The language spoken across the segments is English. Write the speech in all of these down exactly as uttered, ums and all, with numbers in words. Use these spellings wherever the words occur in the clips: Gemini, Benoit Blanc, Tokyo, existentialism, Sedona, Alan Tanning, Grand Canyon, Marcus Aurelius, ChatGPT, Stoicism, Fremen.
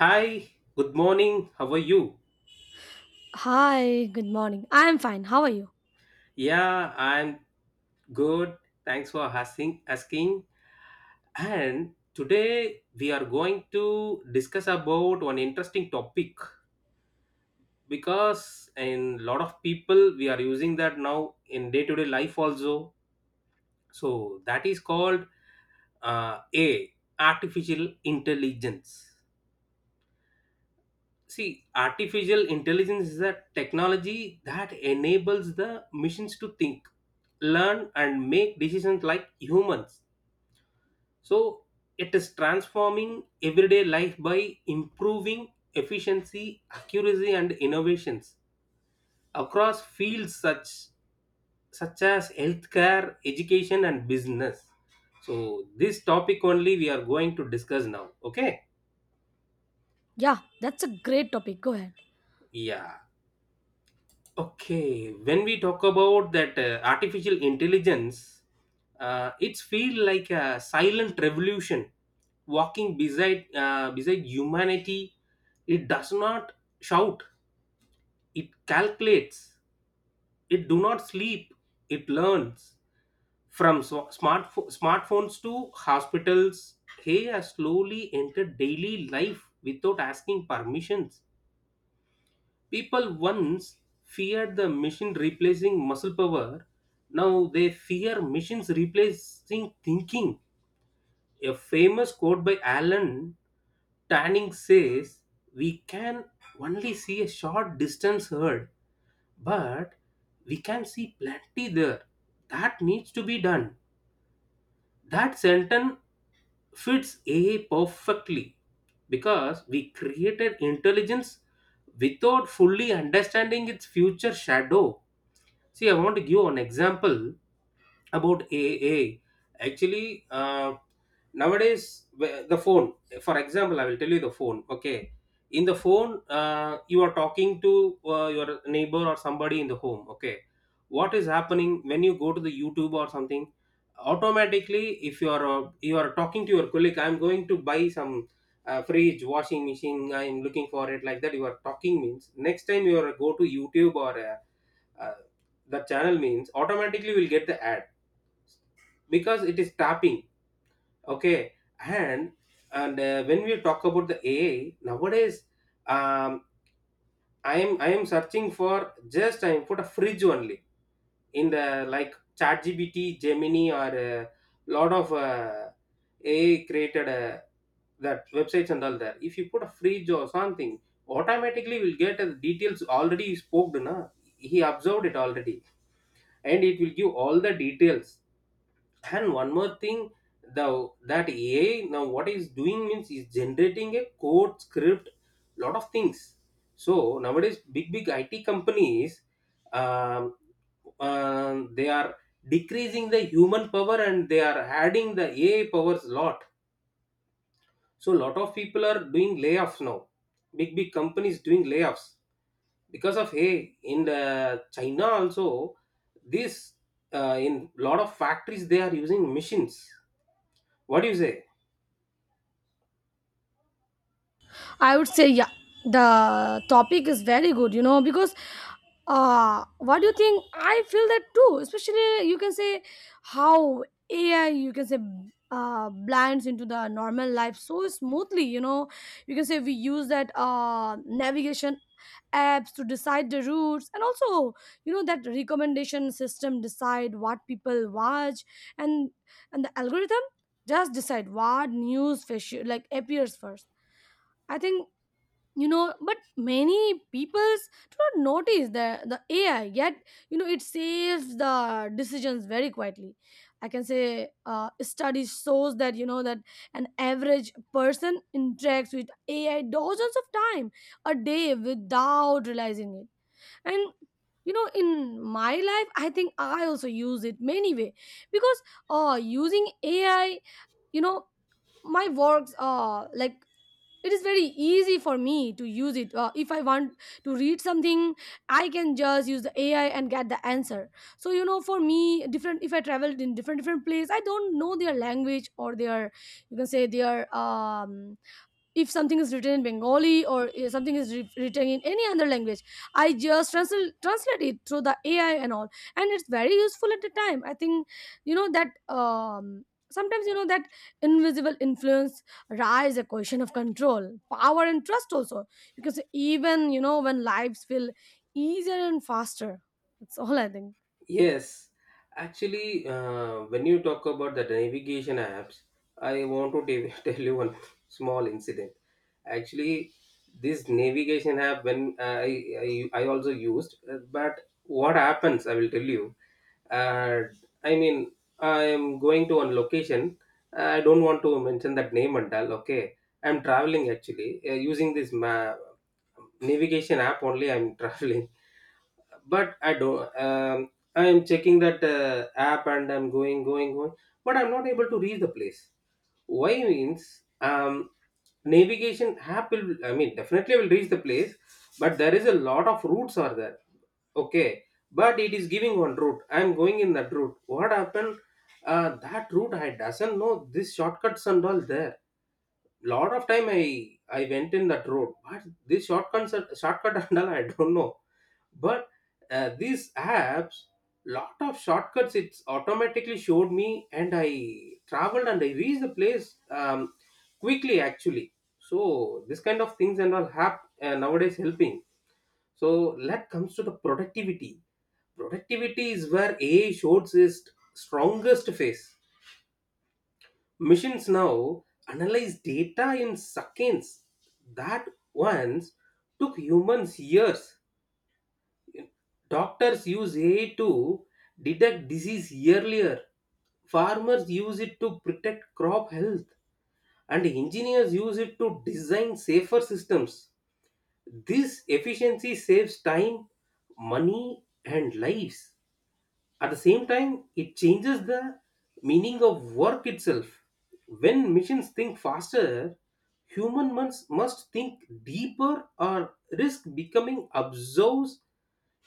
Hi, good morning. How are you? Hi, good morning. I am fine. How are you? Yeah, I'm good. Thanks for asking. Asking. And today we are going to discuss about one interesting topic because in lot of people we are using that now in day-to-day life also. So that is called uh, A, artificial intelligence. See, artificial intelligence is a technology that enables the machines to think, learn, and make decisions like humans. So, it is transforming everyday life by improving efficiency, accuracy, and innovations across fields such such as healthcare, education, and business. So, this topic only we are going to discuss now. Okay? Yeah, that's a great topic. Go ahead. Yeah. Okay, when we talk about that uh, artificial intelligence, uh, it's feel like a silent revolution walking beside uh, beside humanity. It does not shout. It calculates. It do not sleep. It learns from so- smartpho- smartphones to hospitals. He has slowly entered daily life without asking permissions. People once feared the machine replacing muscle power. Now they fear machines replacing thinking. A famous quote by Alan Tanning says, we can only see a short distance heard, but we can see plenty there. That needs to be done. That sentence fits A I perfectly because we created intelligence without fully understanding its future shadow. See, I want to give an example about A A. Actually, uh, nowadays, wh- the phone, for example, I will tell you the phone. Okay. In the phone, uh, you are talking to uh, your neighbor or somebody in the home. Okay. What is happening when you go to the YouTube or something? Automatically, if you are uh, you are talking to your colleague, I'm going to buy some uh, fridge, washing machine, I'm looking for it, like that you are talking means next time you are go to YouTube or uh, uh, the channel means automatically we'll get the ad because it is tapping. Okay. And and uh, when we talk about the AI nowadays, um, i am i am searching for, just I put a fridge only in the like ChatGPT, Gemini, or a lot of uh, A I created uh, that websites and all that. If you put a fridge or something, automatically will get the details already spoken. Na? He observed it already, and it will give all the details. And one more thing, the that AI now what is doing means is generating a code script, lot of things. So nowadays, big big IT companies, um, uh, they are decreasing the human power and they are adding the AI powers, lot. So lot of people are doing layoffs now. Big big companies doing layoffs because of, hey, in the China also this uh, in lot of factories they are using machines. What do you say? I would say, yeah, the topic is very good, you know, because uh, what do you think? I feel that too, especially you can say how A I, you can say, uh, blinds into the normal life so smoothly, you know. You can say we use that uh, navigation apps to decide the routes, and also you know that recommendation system decide what people watch, and and the algorithm just decide what news fish like appears first, I think. You know, but many peoples do not notice the the AI yet. You know, it saves the decisions very quietly. I can say uh, study shows that, you know, that an average person interacts with AI dozens of time a day without realizing it. And you know, in my life, I think I also use it many way, because uh using AI, you know, my works uh like it is very easy for me to use it. Uh, if I want to read something, I can just use the AI and get the answer. So you know, for me different, if I traveled in different different place, I don't know their language or their, you can say their, um if something is written in Bengali, or if something is writ- written in any other language, I just transl- translate it through the AI and all, and it's very useful at the time, I think. You know that, um sometimes you know that invisible influence rise a question of control, power, and trust also, because even you know when lives feel easier and faster. That's all I think. Yes, actually, uh, when you talk about the navigation apps, I want to tell tell you one small incident. Actually, this navigation app when uh, I I, I also used, uh, but what happens? I will tell you. Uh, I mean, I am going to one location. I don't want to mention that name and all. Okay, I'm traveling actually uh, using this ma- navigation app only. I'm traveling, but I don't. Um, I am checking that uh, app and I'm going, going, going, but I'm not able to reach the place. Why means um, navigation app will, I mean, definitely will reach the place, but there is a lot of routes are there. Okay, but it is giving one route. I'm going in that route. What happened? Uh, that route I doesn't know, this shortcuts and all there. Lot of time i i went in that road, but this shortcut shortcut and all I don't know. But uh, these apps, lot of shortcuts it's automatically showed me, and I traveled and I reached the place um, quickly actually. So this kind of things and all have uh, nowadays helping. So that comes to the productivity. Productivity is where AI shows its strongest face. Machines now analyze data in seconds that once took humans years. Doctors use A I to detect disease earlier. Farmers use it to protect crop health. And engineers use it to design safer systems. This efficiency saves time, money, and lives. At the same time, it changes the meaning of work itself. When machines think faster, human must, must think deeper or risk becoming observers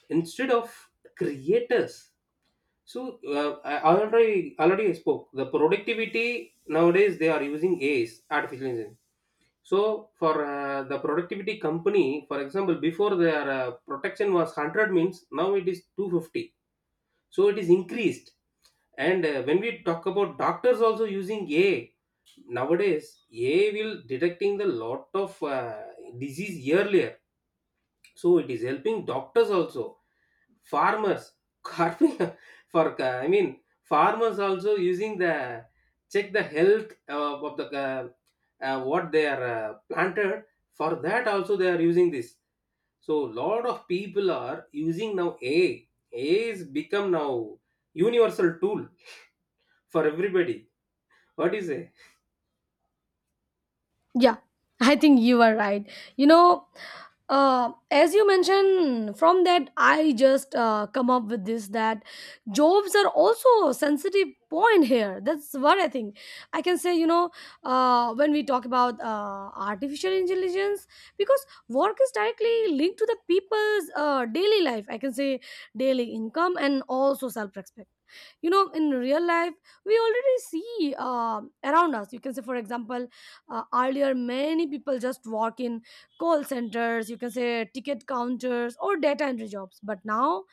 instead of creators. So uh, I already already I spoke the productivity nowadays they are using A Is artificial intelligence. So for uh, the productivity company, for example, before their uh, protection was one hundred means now it is two hundred fifty, so it is increased. And uh, when we talk about doctors also using AI nowadays, AI will detecting the lot of uh, disease earlier, so it is helping doctors also. Farmers carpenter, for uh, I mean farmers also using the check the health uh, of the uh, uh, what they are uh, planted, for that also they are using this. So lot of people are using now AI. AI is become now universal tool for everybody. What do you say? Yeah, I think you are right, you know. Uh, as you mentioned from that, I just uh, come up with this, that jobs are also a sensitive point here. That's what I think. I can say, you know, uh, when we talk about uh, artificial intelligence, because work is directly linked to the people's uh, daily life, I can say, daily income and also self-respect. You know, in real life, we already see uh, around us. You can say, for example, uh, earlier many people just walk in call centers, you can say, ticket counters, or data entry jobs. But now,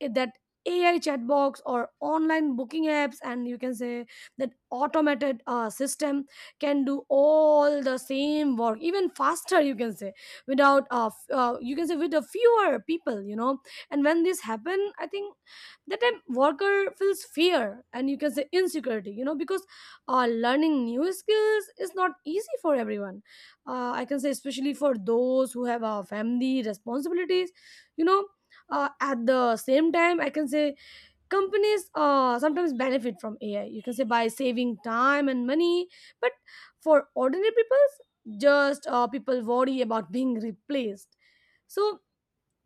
it- that A I chat box or online booking apps, and you can say that automated uh, system can do all the same work, even faster. You can say without uh, f- uh, you can say with a fewer people, you know. And when this happen, I think that time worker feels fear and, you can say, insecurity, you know, because uh, learning new skills is not easy for everyone. Uh, I can say especially for those who have uh, family responsibilities, you know. Uh, at the same time, I can say companies uh, sometimes benefit from AI, you can say, by saving time and money, but for ordinary people, just uh, people worry about being replaced. So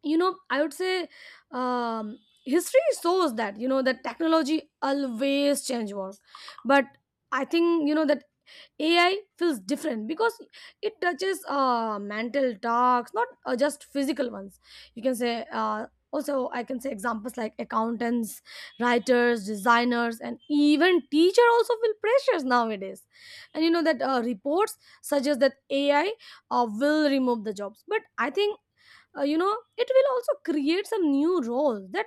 you know, I would say, um, history shows that, you know, that technology always change work, but I think you know that A I feels different because it touches uh, mental tasks, not uh, just physical ones. You can say, uh, also, I can say, examples like accountants, writers, designers, and even teacher also feel pressures nowadays. And you know that uh, reports suggest that A I uh, will remove the jobs. But I think uh, you know it will also create some new roles that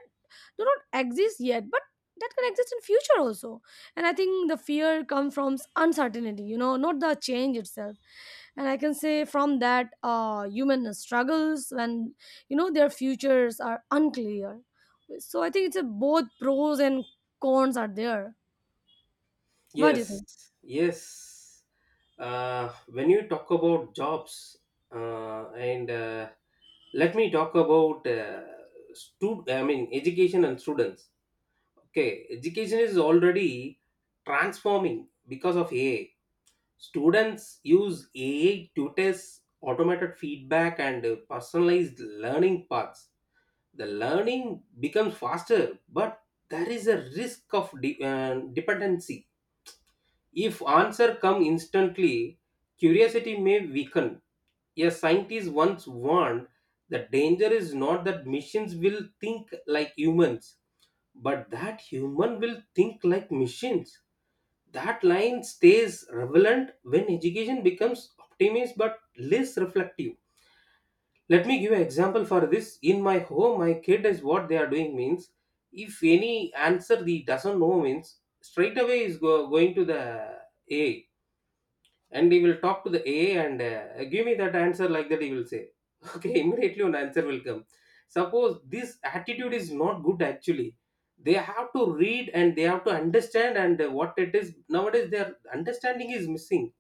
do not exist yet, but that can exist in future also. And I think the fear comes from uncertainty, you know, not the change itself. And I can say from that uh, human struggles when, you know, their futures are unclear. So I think it's a both pros and cons are there. What do you Yes, think? yes. Uh, when you talk about jobs, uh, and uh, let me talk about uh, stud- I mean education and students. Okay, education is already transforming because of A I. Students use A I tutors, automated feedback, and uh, personalized learning paths. The learning becomes faster, but there is a risk of de- uh, dependency. If answer come instantly, curiosity may weaken. A scientist once warned, the danger is not that machines will think like humans, but that human will think like machines. That line stays relevant when education becomes optimist but less reflective. Let me give an example for this. In my home, my kid is what they are doing means if any answer he doesn't know means straight away is go, going to the A, and he will talk to the A and uh, give me that answer, like that he will say. Okay, immediately an answer will come. Suppose this attitude is not good actually. They have to read and they have to understand, and uh, what it is nowadays their understanding is missing.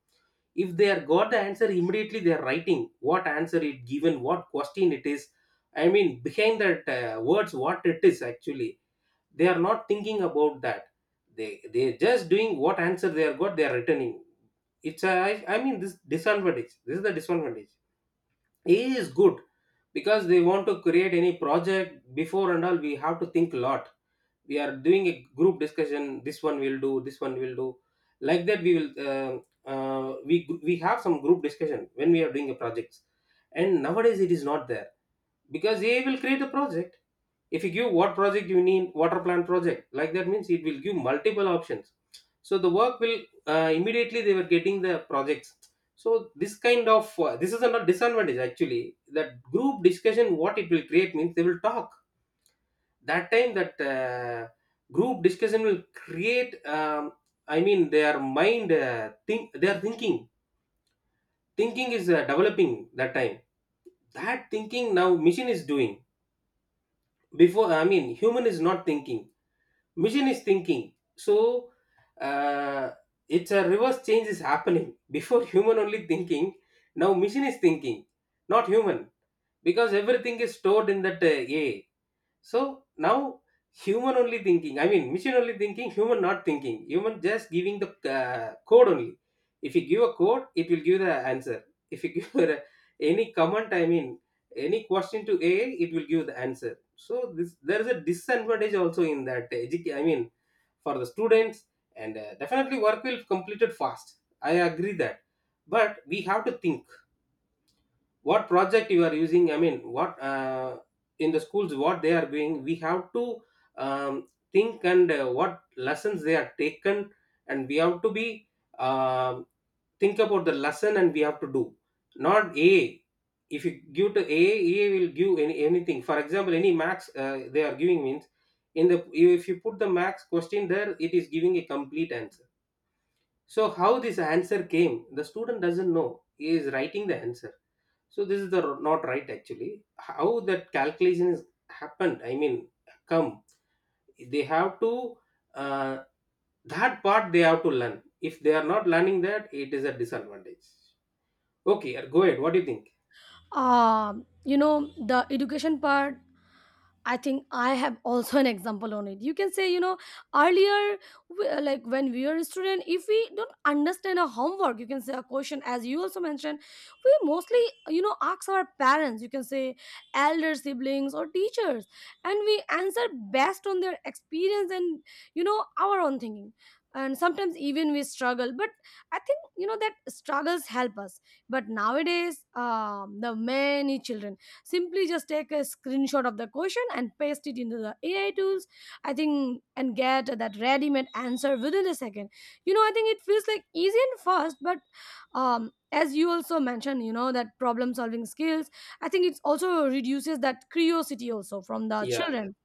If they are got the answer immediately, they are writing what answer it given, what question it is, I mean behind that uh, words what it is actually, they are not thinking about that. They they just doing what answer they are got, they are returning. It's a, I, I mean this disadvantage, this is the disadvantage is good because they want to create any project. Before and all we have to think a lot. We are doing a group discussion, this one will do, this one will do, like that we will uh, uh, we we have some group discussion when we are doing a projects. And nowadays it is not there because A I will create a project. If you give what project you need, water plant project, like that means it will give multiple options. So the work will uh, immediately they were getting the projects. So this kind of uh, this is a not disadvantage actually. That group discussion what it will create means they will talk. That time that uh, group discussion will create. Um, I mean their mind uh, think they are thinking. Thinking is uh, developing that time. That thinking now machine is doing. Before I mean human is not thinking, machine is thinking. So uh, it's a reverse change is happening. Before human only thinking, now machine is thinking, not human, because everything is stored in that uh, AI. So now human only thinking, I mean machine only thinking, human not thinking. Human just giving the uh, code only. If you give a code, it will give the answer. If you give a, any comment, I mean any question to A I, it will give the answer. So this there is a disadvantage also in that, edu- I mean for the students. And uh, definitely work will completed fast. I agree that, but we have to think what project you are using, I mean what uh, in the schools what they are doing. We have to um, think and uh, what lessons they are taken, and we have to be um think about the lesson and we have to do, not a, if you give to a A will give any, anything, for example any max uh, they are giving means in the, if you put the max question there, it is giving a complete answer. So how this answer came, the student doesn't know, he is writing the answer. So this is the r- not right actually. How that calculation is happened? I mean, come, they have to uh, that part they have to learn. If they are not learning that, it is a disadvantage. Okay, uh, go ahead. What do you think? Um you know, the education part, I think I have also an example on it. You can say, you know, earlier, w- uh, like when we are a student, if we don't understand a homework, you can say a question, as you also mentioned, we mostly, you know, ask our parents, you can say, elder siblings or teachers, and we answer based on their experience and, you know, our own thinking. And sometimes even we struggle, but I think, you know, that struggles help us. But nowadays, um, the many children simply just take a screenshot of the question and paste it into the AI tools, I think, and get that ready-made answer within a second. You know, I think it feels like easy and fast, but um as you also mentioned, you know, that problem solving skills, I think it also reduces that curiosity also from the Yeah. children.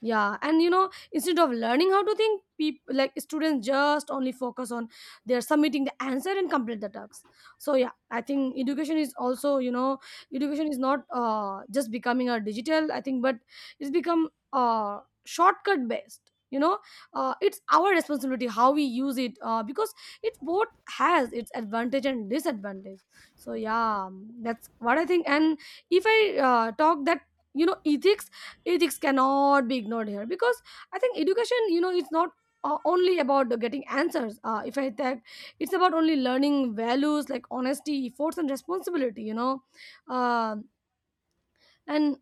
Yeah, and you know, instead of learning how to think, people like students just only focus on they're submitting the answer and complete the tasks. So yeah, I think education is also, you know, education is not uh, just becoming a digital, I think, but it's become uh, shortcut based, you know. Uh, it's our responsibility how we use it, uh, because it both has its advantage and disadvantage. So yeah, um, that's what I think. And if I uh, talk that, you know, ethics, ethics cannot be ignored here because I think education, you know, it's not uh, only about the getting answers. Uh, if I that, it's about only learning values like honesty, efforts, and responsibility, you know. Um and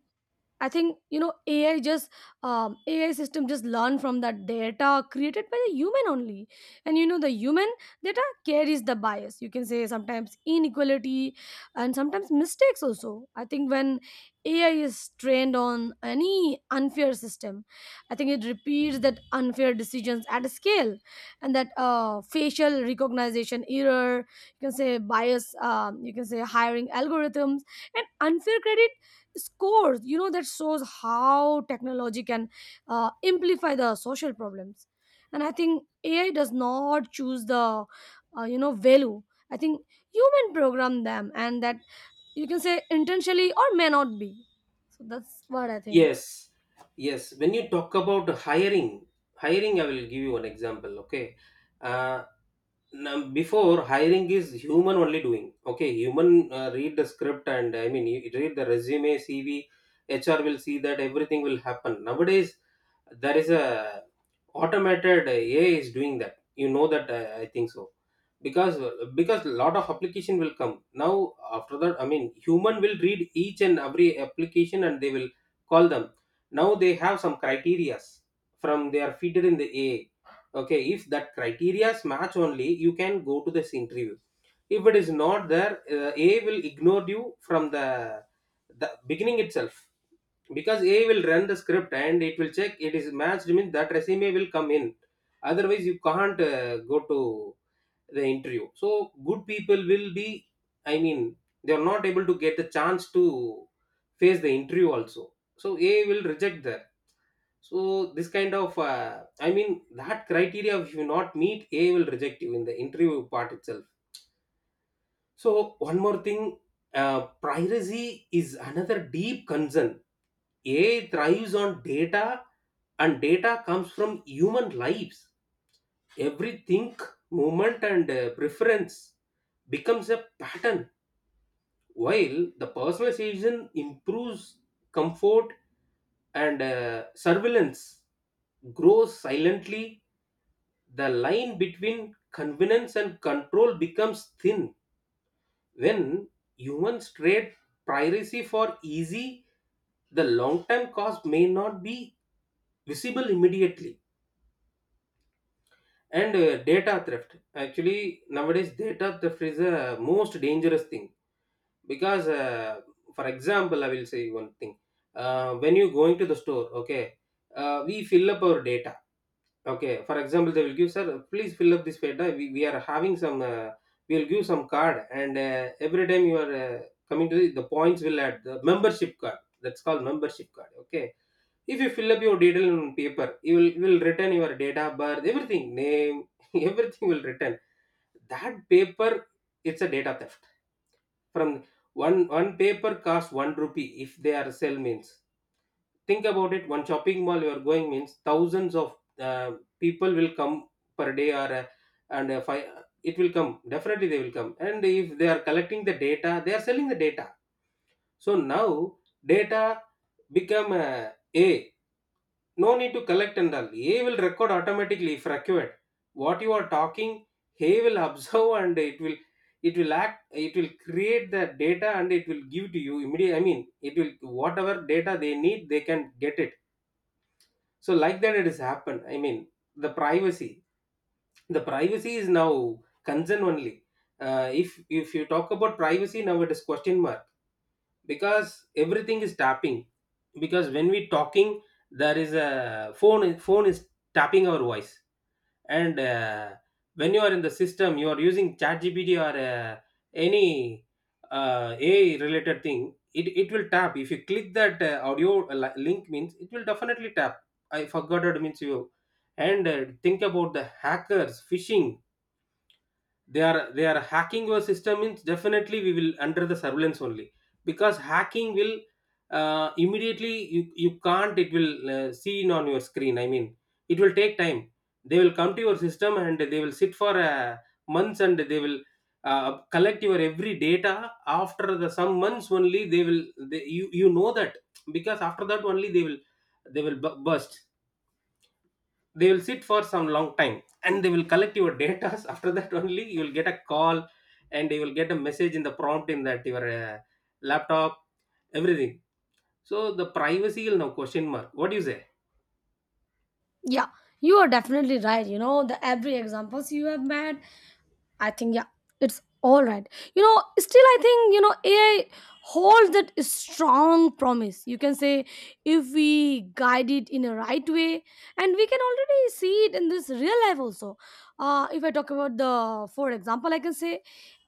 I think you know A I just, um, A I system just learn from the data created by the human only, and you know the human data carries the bias. You can say sometimes inequality, and sometimes mistakes also. I think when A I is trained on any unfair system, I think it repeats that unfair decisions at a scale, and that uh, facial recognition error. You can say bias. Um, you can say hiring algorithms and unfair credit scores, you know, that shows how technology can uh, amplify the social problems. And I think AI does not choose the uh, you know value. I think human program them, and that, you can say, intentionally or may not be. So that's what I think. Yes. Yes. When you talk about hiring, hiring, I will give you an example. Okay. Uh, now, before hiring is human only doing. Okay, human uh, read the script and I mean, you read the resume, C V, H R will see that everything will happen. Nowadays, there is a automated uh, A I is doing that. You know that uh, I think so because uh, because lot of application will come now. After that, I mean, human will read each and every application and they will call them. Now they have some criterias from they are fitted in the AI. Okay, if that criteria match only you can go to this interview. If it is not there, uh, A will ignore you from the the beginning itself, because A will run the script and it will check. It is matched means that resume will come in, otherwise you can't uh, go to the interview. So good people will be, I mean, they are not able to get the chance to face the interview also. So A will reject that. So this kind of, uh, I mean, that criteria if you not meet, A will reject you in the interview part itself. So one more thing, uh, privacy is another deep concern. A I thrives on data, and data comes from human lives. Every think, movement, and uh, preference becomes a pattern. While the personalization improves comfort and uh, surveillance grows silently, the line between convenience and control becomes thin. When humans trade privacy for easy, the long term cost may not be visible immediately. And uh, data theft, actually nowadays data theft is a most dangerous thing. Because uh, For example, I will say one thing. Uh, when you going to the store, okay, uh, we fill up our data. Okay, for example, they will give, sir, please fill up this data. We, we are having some, uh, we'll give some card, and uh, every time you are uh, coming to the, the points, will add the membership card. That's called membership card. Okay, if you fill up your detail on paper, you will you will return your data of birth, everything, name, everything will return. That paper, it's a data theft. From one one paper costs one rupee if they are sell means, think about it, one shopping mall you are going means thousands of, uh, people will come per day. Or uh, and uh, fi- it will come definitely, they will come, and if they are collecting the data, they are selling the data. So now data become, uh, a no need to collect and all. A will record automatically. If accurate what you are talking, A will observe and it will it will act. It will create the data and it will give to you immediately. I mean, it will, whatever data they need, they can get it. So like that it has happened. I mean, the privacy. The privacy is now concern only. Uh, if if you talk about privacy now, it is question mark, because everything is tapping. Because when we talking, there is a phone phone is tapping our voice. And uh, when you are in the system, you are using ChatGPT or uh, any uh, AI related thing, it, it will tap. If you click that uh, audio uh, li- link means, it will definitely tap. I forgot it means you. And uh, think about the hackers, phishing. They are they are hacking your system means definitely we will under the surveillance only. Because hacking will, uh, immediately you, you can't, it will uh, seen on your screen, I mean, it will take time. They will come to your system and they will sit for uh, months, and they will uh, collect your every data. After the some months only, they will, they, you you know that, because after that only they will, they will bu- burst. They will sit for some long time and they will collect your data. After that only you will get a call, and you will get a message in the prompt, in that your uh, laptop, everything. So the privacy will now question mark. What do you say? Yeah, you are definitely right, you know, the every examples you have made. I think yeah, it's all right. You know, still I think you know A I holds that strong promise. You can say if we guide it in a right way, and we can already see it in this real life also. Uh, if I talk about the, for example, I can say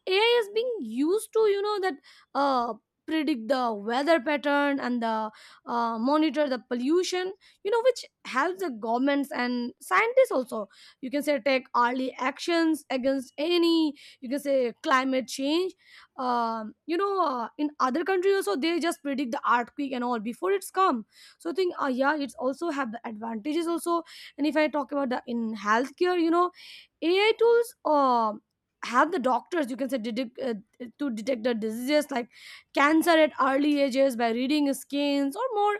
AI is being used to, you know, that uh, predict the weather pattern, and the uh, monitor the pollution, you know, which helps the governments and scientists also. You can say take early actions against any, you can say, climate change. Um, you know, uh, in other countries also, they just predict the earthquake and all before it's come. So I think uh, yeah, it's also have the advantages also. And if I talk about the in healthcare, you know, AI tools um have the doctors, you can say, detect, uh, uh, to detect the diseases like cancer at early ages by reading scans, or more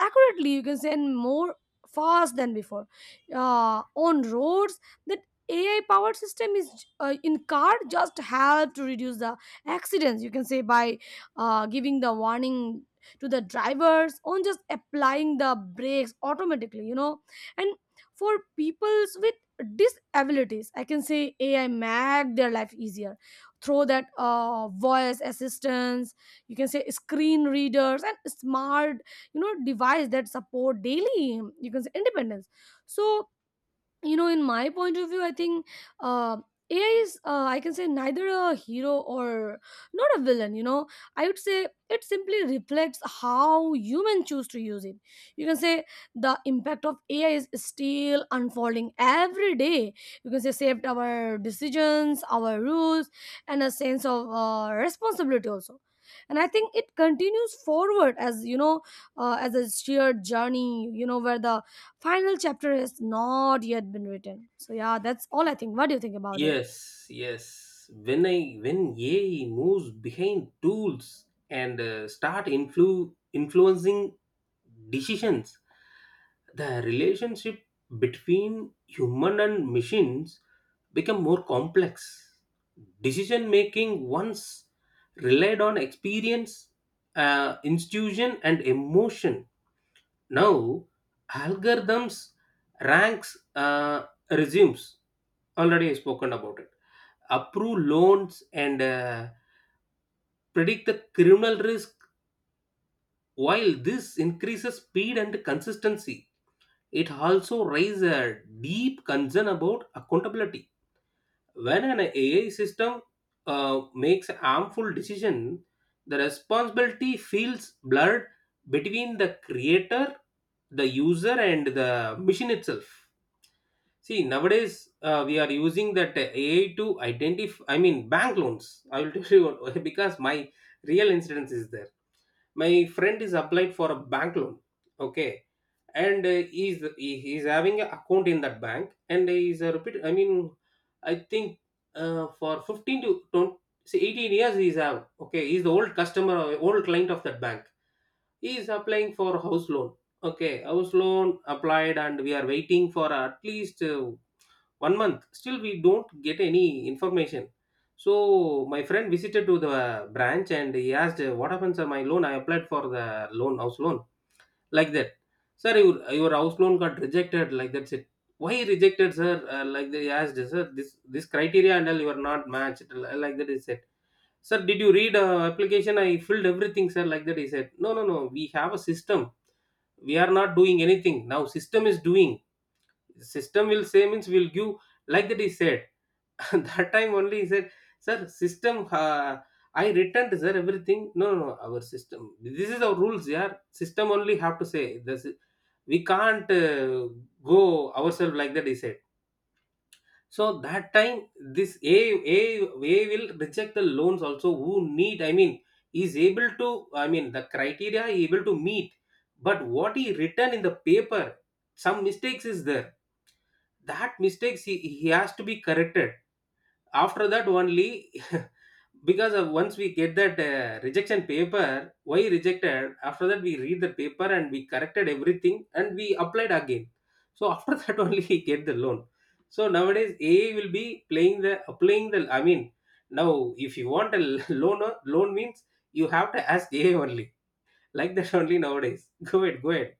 accurately, you can say, and more fast than before. Uh, on roads, that AI powered system is uh, in car, just help to reduce the accidents, you can say, by uh, giving the warning to the drivers on just applying the brakes automatically, you know. And for peoples with disabilities, I can say AI make their life easier through that uh, voice assistance, you can say, screen readers, and smart, you know, device that support daily, you can say, independence. So you know, in my point of view, I think uh, AI is, uh, I can say, neither a hero or not a villain, you know. I would say it simply reflects how humans choose to use it. You can say the impact of AI is still unfolding every day. You can say saved our decisions, our rules, and a sense of uh, responsibility also. And I think it continues forward as, you know, uh, as a shared journey, you know, where the final chapter is not yet been written. So yeah, that's all I think. What do you think about it? Yes, yes. When I when A I moves behind tools and uh, start influ- influencing decisions, the relationship between human and machines become more complex. Decision making once relied on experience, uh, institution, and emotion. Now algorithms ranks, uh, resumes, already I spoken about it, approve loans, and uh, predict the criminal risk. While this increases speed and consistency, it also raises a deep concern about accountability. When an AI system uh, makes a harmful decision, the responsibility feels blurred between the creator, the user, and the machine itself. See, nowadays uh, we are using that uh, A I to identify. I mean, bank loans. I will tell you what- because my real incidence is there. My friend is applied for a bank loan. Okay, and uh, he's he- he's having an account in that bank, and he's a repeat. I mean, I think uh, for fifteen to twenty, see eighteen years he's have. Okay, he's the old customer, old client of that bank. He is applying for house loan. Okay, house loan applied, and we are waiting for at least uh, one month. Still we don't get any information. So my friend visited to the branch and he asked, what happened sir, my loan, I applied for the loan, house loan, like that. Sir, your, your house loan got rejected, like that. Said, why rejected sir? Uh, like they asked, sir, this this criteria and all you are not matched, uh, like that he said. Sir, did you read uh, application, I filled everything sir, like that he said. No no no, we have a system, we are not doing anything now, system is doing. System will say means will give, like that he said. That time only he said, sir, system, uh, I returned sir everything. No no no, our system, this is our rules, yeah, system only have to say this is- we can't uh, go ourselves, like that he said. So that time, this a a A will reject the loans also, who need, I mean, is able to, I mean the criteria he able to meet, but what he written in the paper, some mistakes is there. That mistakes he, he has to be corrected. After that only, because of, once we get that uh, rejection paper, why rejected, after that we read the paper and we corrected everything and we applied again. So after that only he get the loan. So nowadays AI will be playing, the applying, the I mean, now if you want a loan loan means, you have to ask AI only. Like that only nowadays. Go ahead, go ahead.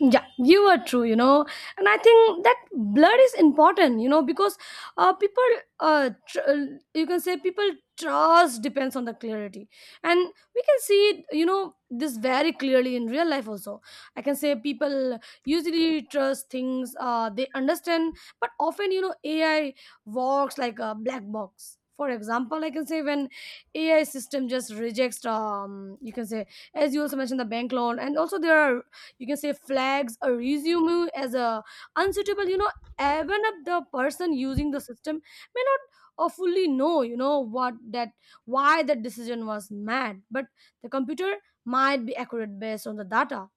Yeah, you are true, you know. And I think that blood is important, you know, because uh, people, uh, tr- uh, you can say people trust depends on the clarity. And we can see, it, you know, this very clearly in real life also. I can say people usually trust things uh, they understand, but often, you know, A I works like a black box. For example, I can say when A I system just rejects, um, you can say, as you also mentioned, the bank loan, and also there are, you can say, flags a resume as a unsuitable, you know, even if the person using the system may not or fully know, you know, what that, why that decision was made, but the computer might be accurate based on the data,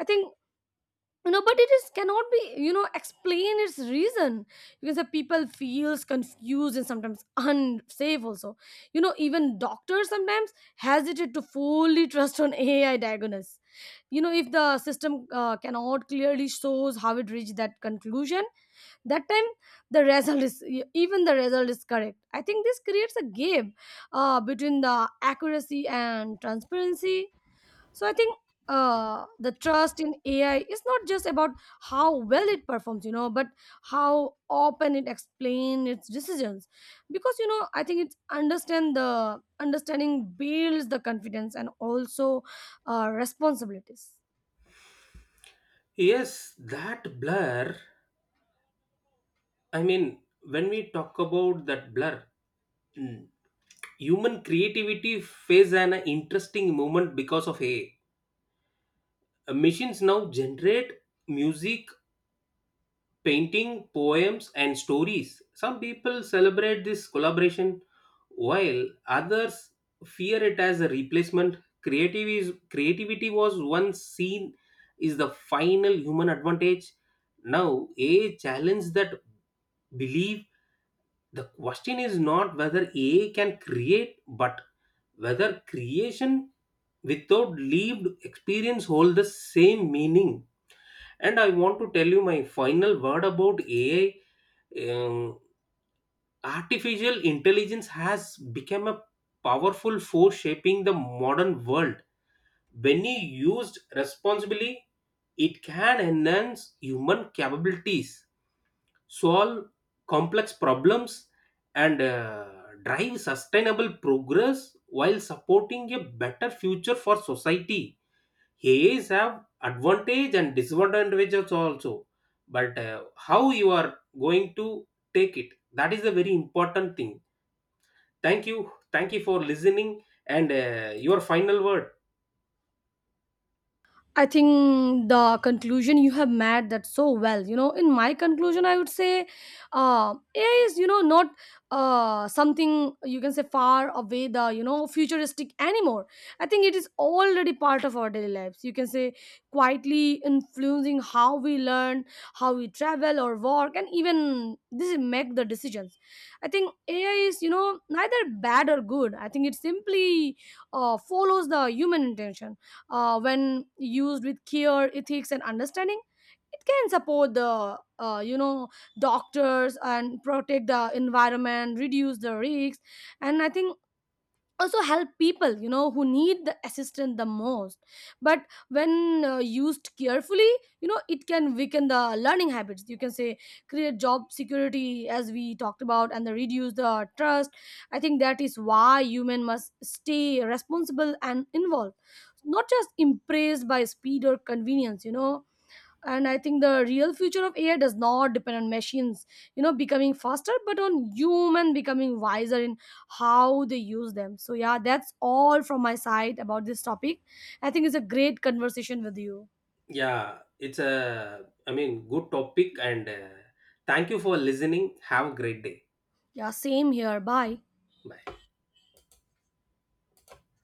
I think. You know, but it is cannot be, you know, explain its reason. You can say people feels confused and sometimes unsafe also, you know. Even doctors sometimes hesitate to fully trust on AI diagnosis, you know, if the system uh, cannot clearly shows how it reached that conclusion. That time the result is e, even the result is correct, I think this creates a gap uh, between the accuracy and transparency. So I think uh, the trust in AI is not just about how well it performs, you know, but how often it explains its decisions, because you know I think it's understand the understanding builds the confidence, and also uh, responsibilities. Yes, that blur. I mean, when we talk about that blur, mm, human creativity faces an interesting moment because of A I. Uh, Machines now generate music, painting, poems, and stories. Some people celebrate this collaboration, while others fear it as a replacement. Creative is, creativity was once seen is the final human advantage. Now, A I challenged that belief. The question is not whether AI can create, but whether creation without lived experience hold the same meaning. And I want to tell you my final word about AI. Um, artificial intelligence has become a powerful force shaping the modern world. When used responsibly, it can enhance human capabilities, solve complex problems, and uh, drive sustainable progress while supporting a better future for society. AIs have advantage and disadvantages also, but uh, how you are going to take it, that is the very important thing. Thank you, thank you for listening, and uh, your final word. I think the conclusion you have made that so well. You know, in my conclusion, I would say uh, A I is, you know, not uh, something, you can say, far away, the you know futuristic anymore. I think it is already part of our daily lives. You can say quietly influencing how we learn, how we travel or work, and even this is make the decisions. I think A I is, you know, neither bad or good. I think it simply uh, follows the human intention. Uh, when used with care, ethics, and understanding, it can support the uh, you know doctors, and protect the environment, reduce the risks. And I think also help people, you know, who need the assistance the most. But when uh, used carefully, you know, it can weaken the learning habits, you can say, create job security, as we talked about, and the reduce the trust. I think that is why human must stay responsible and involved, not just impressed by speed or convenience, you know. And I think the real future of AI does not depend on machines, you know, becoming faster, but on human becoming wiser in how they use them. So yeah, that's all from my side about this topic. I think it's a great conversation with you. Yeah, it's a, I mean, good topic, and uh, thank you for listening, have a great day. Yeah, same here. Bye. Bye.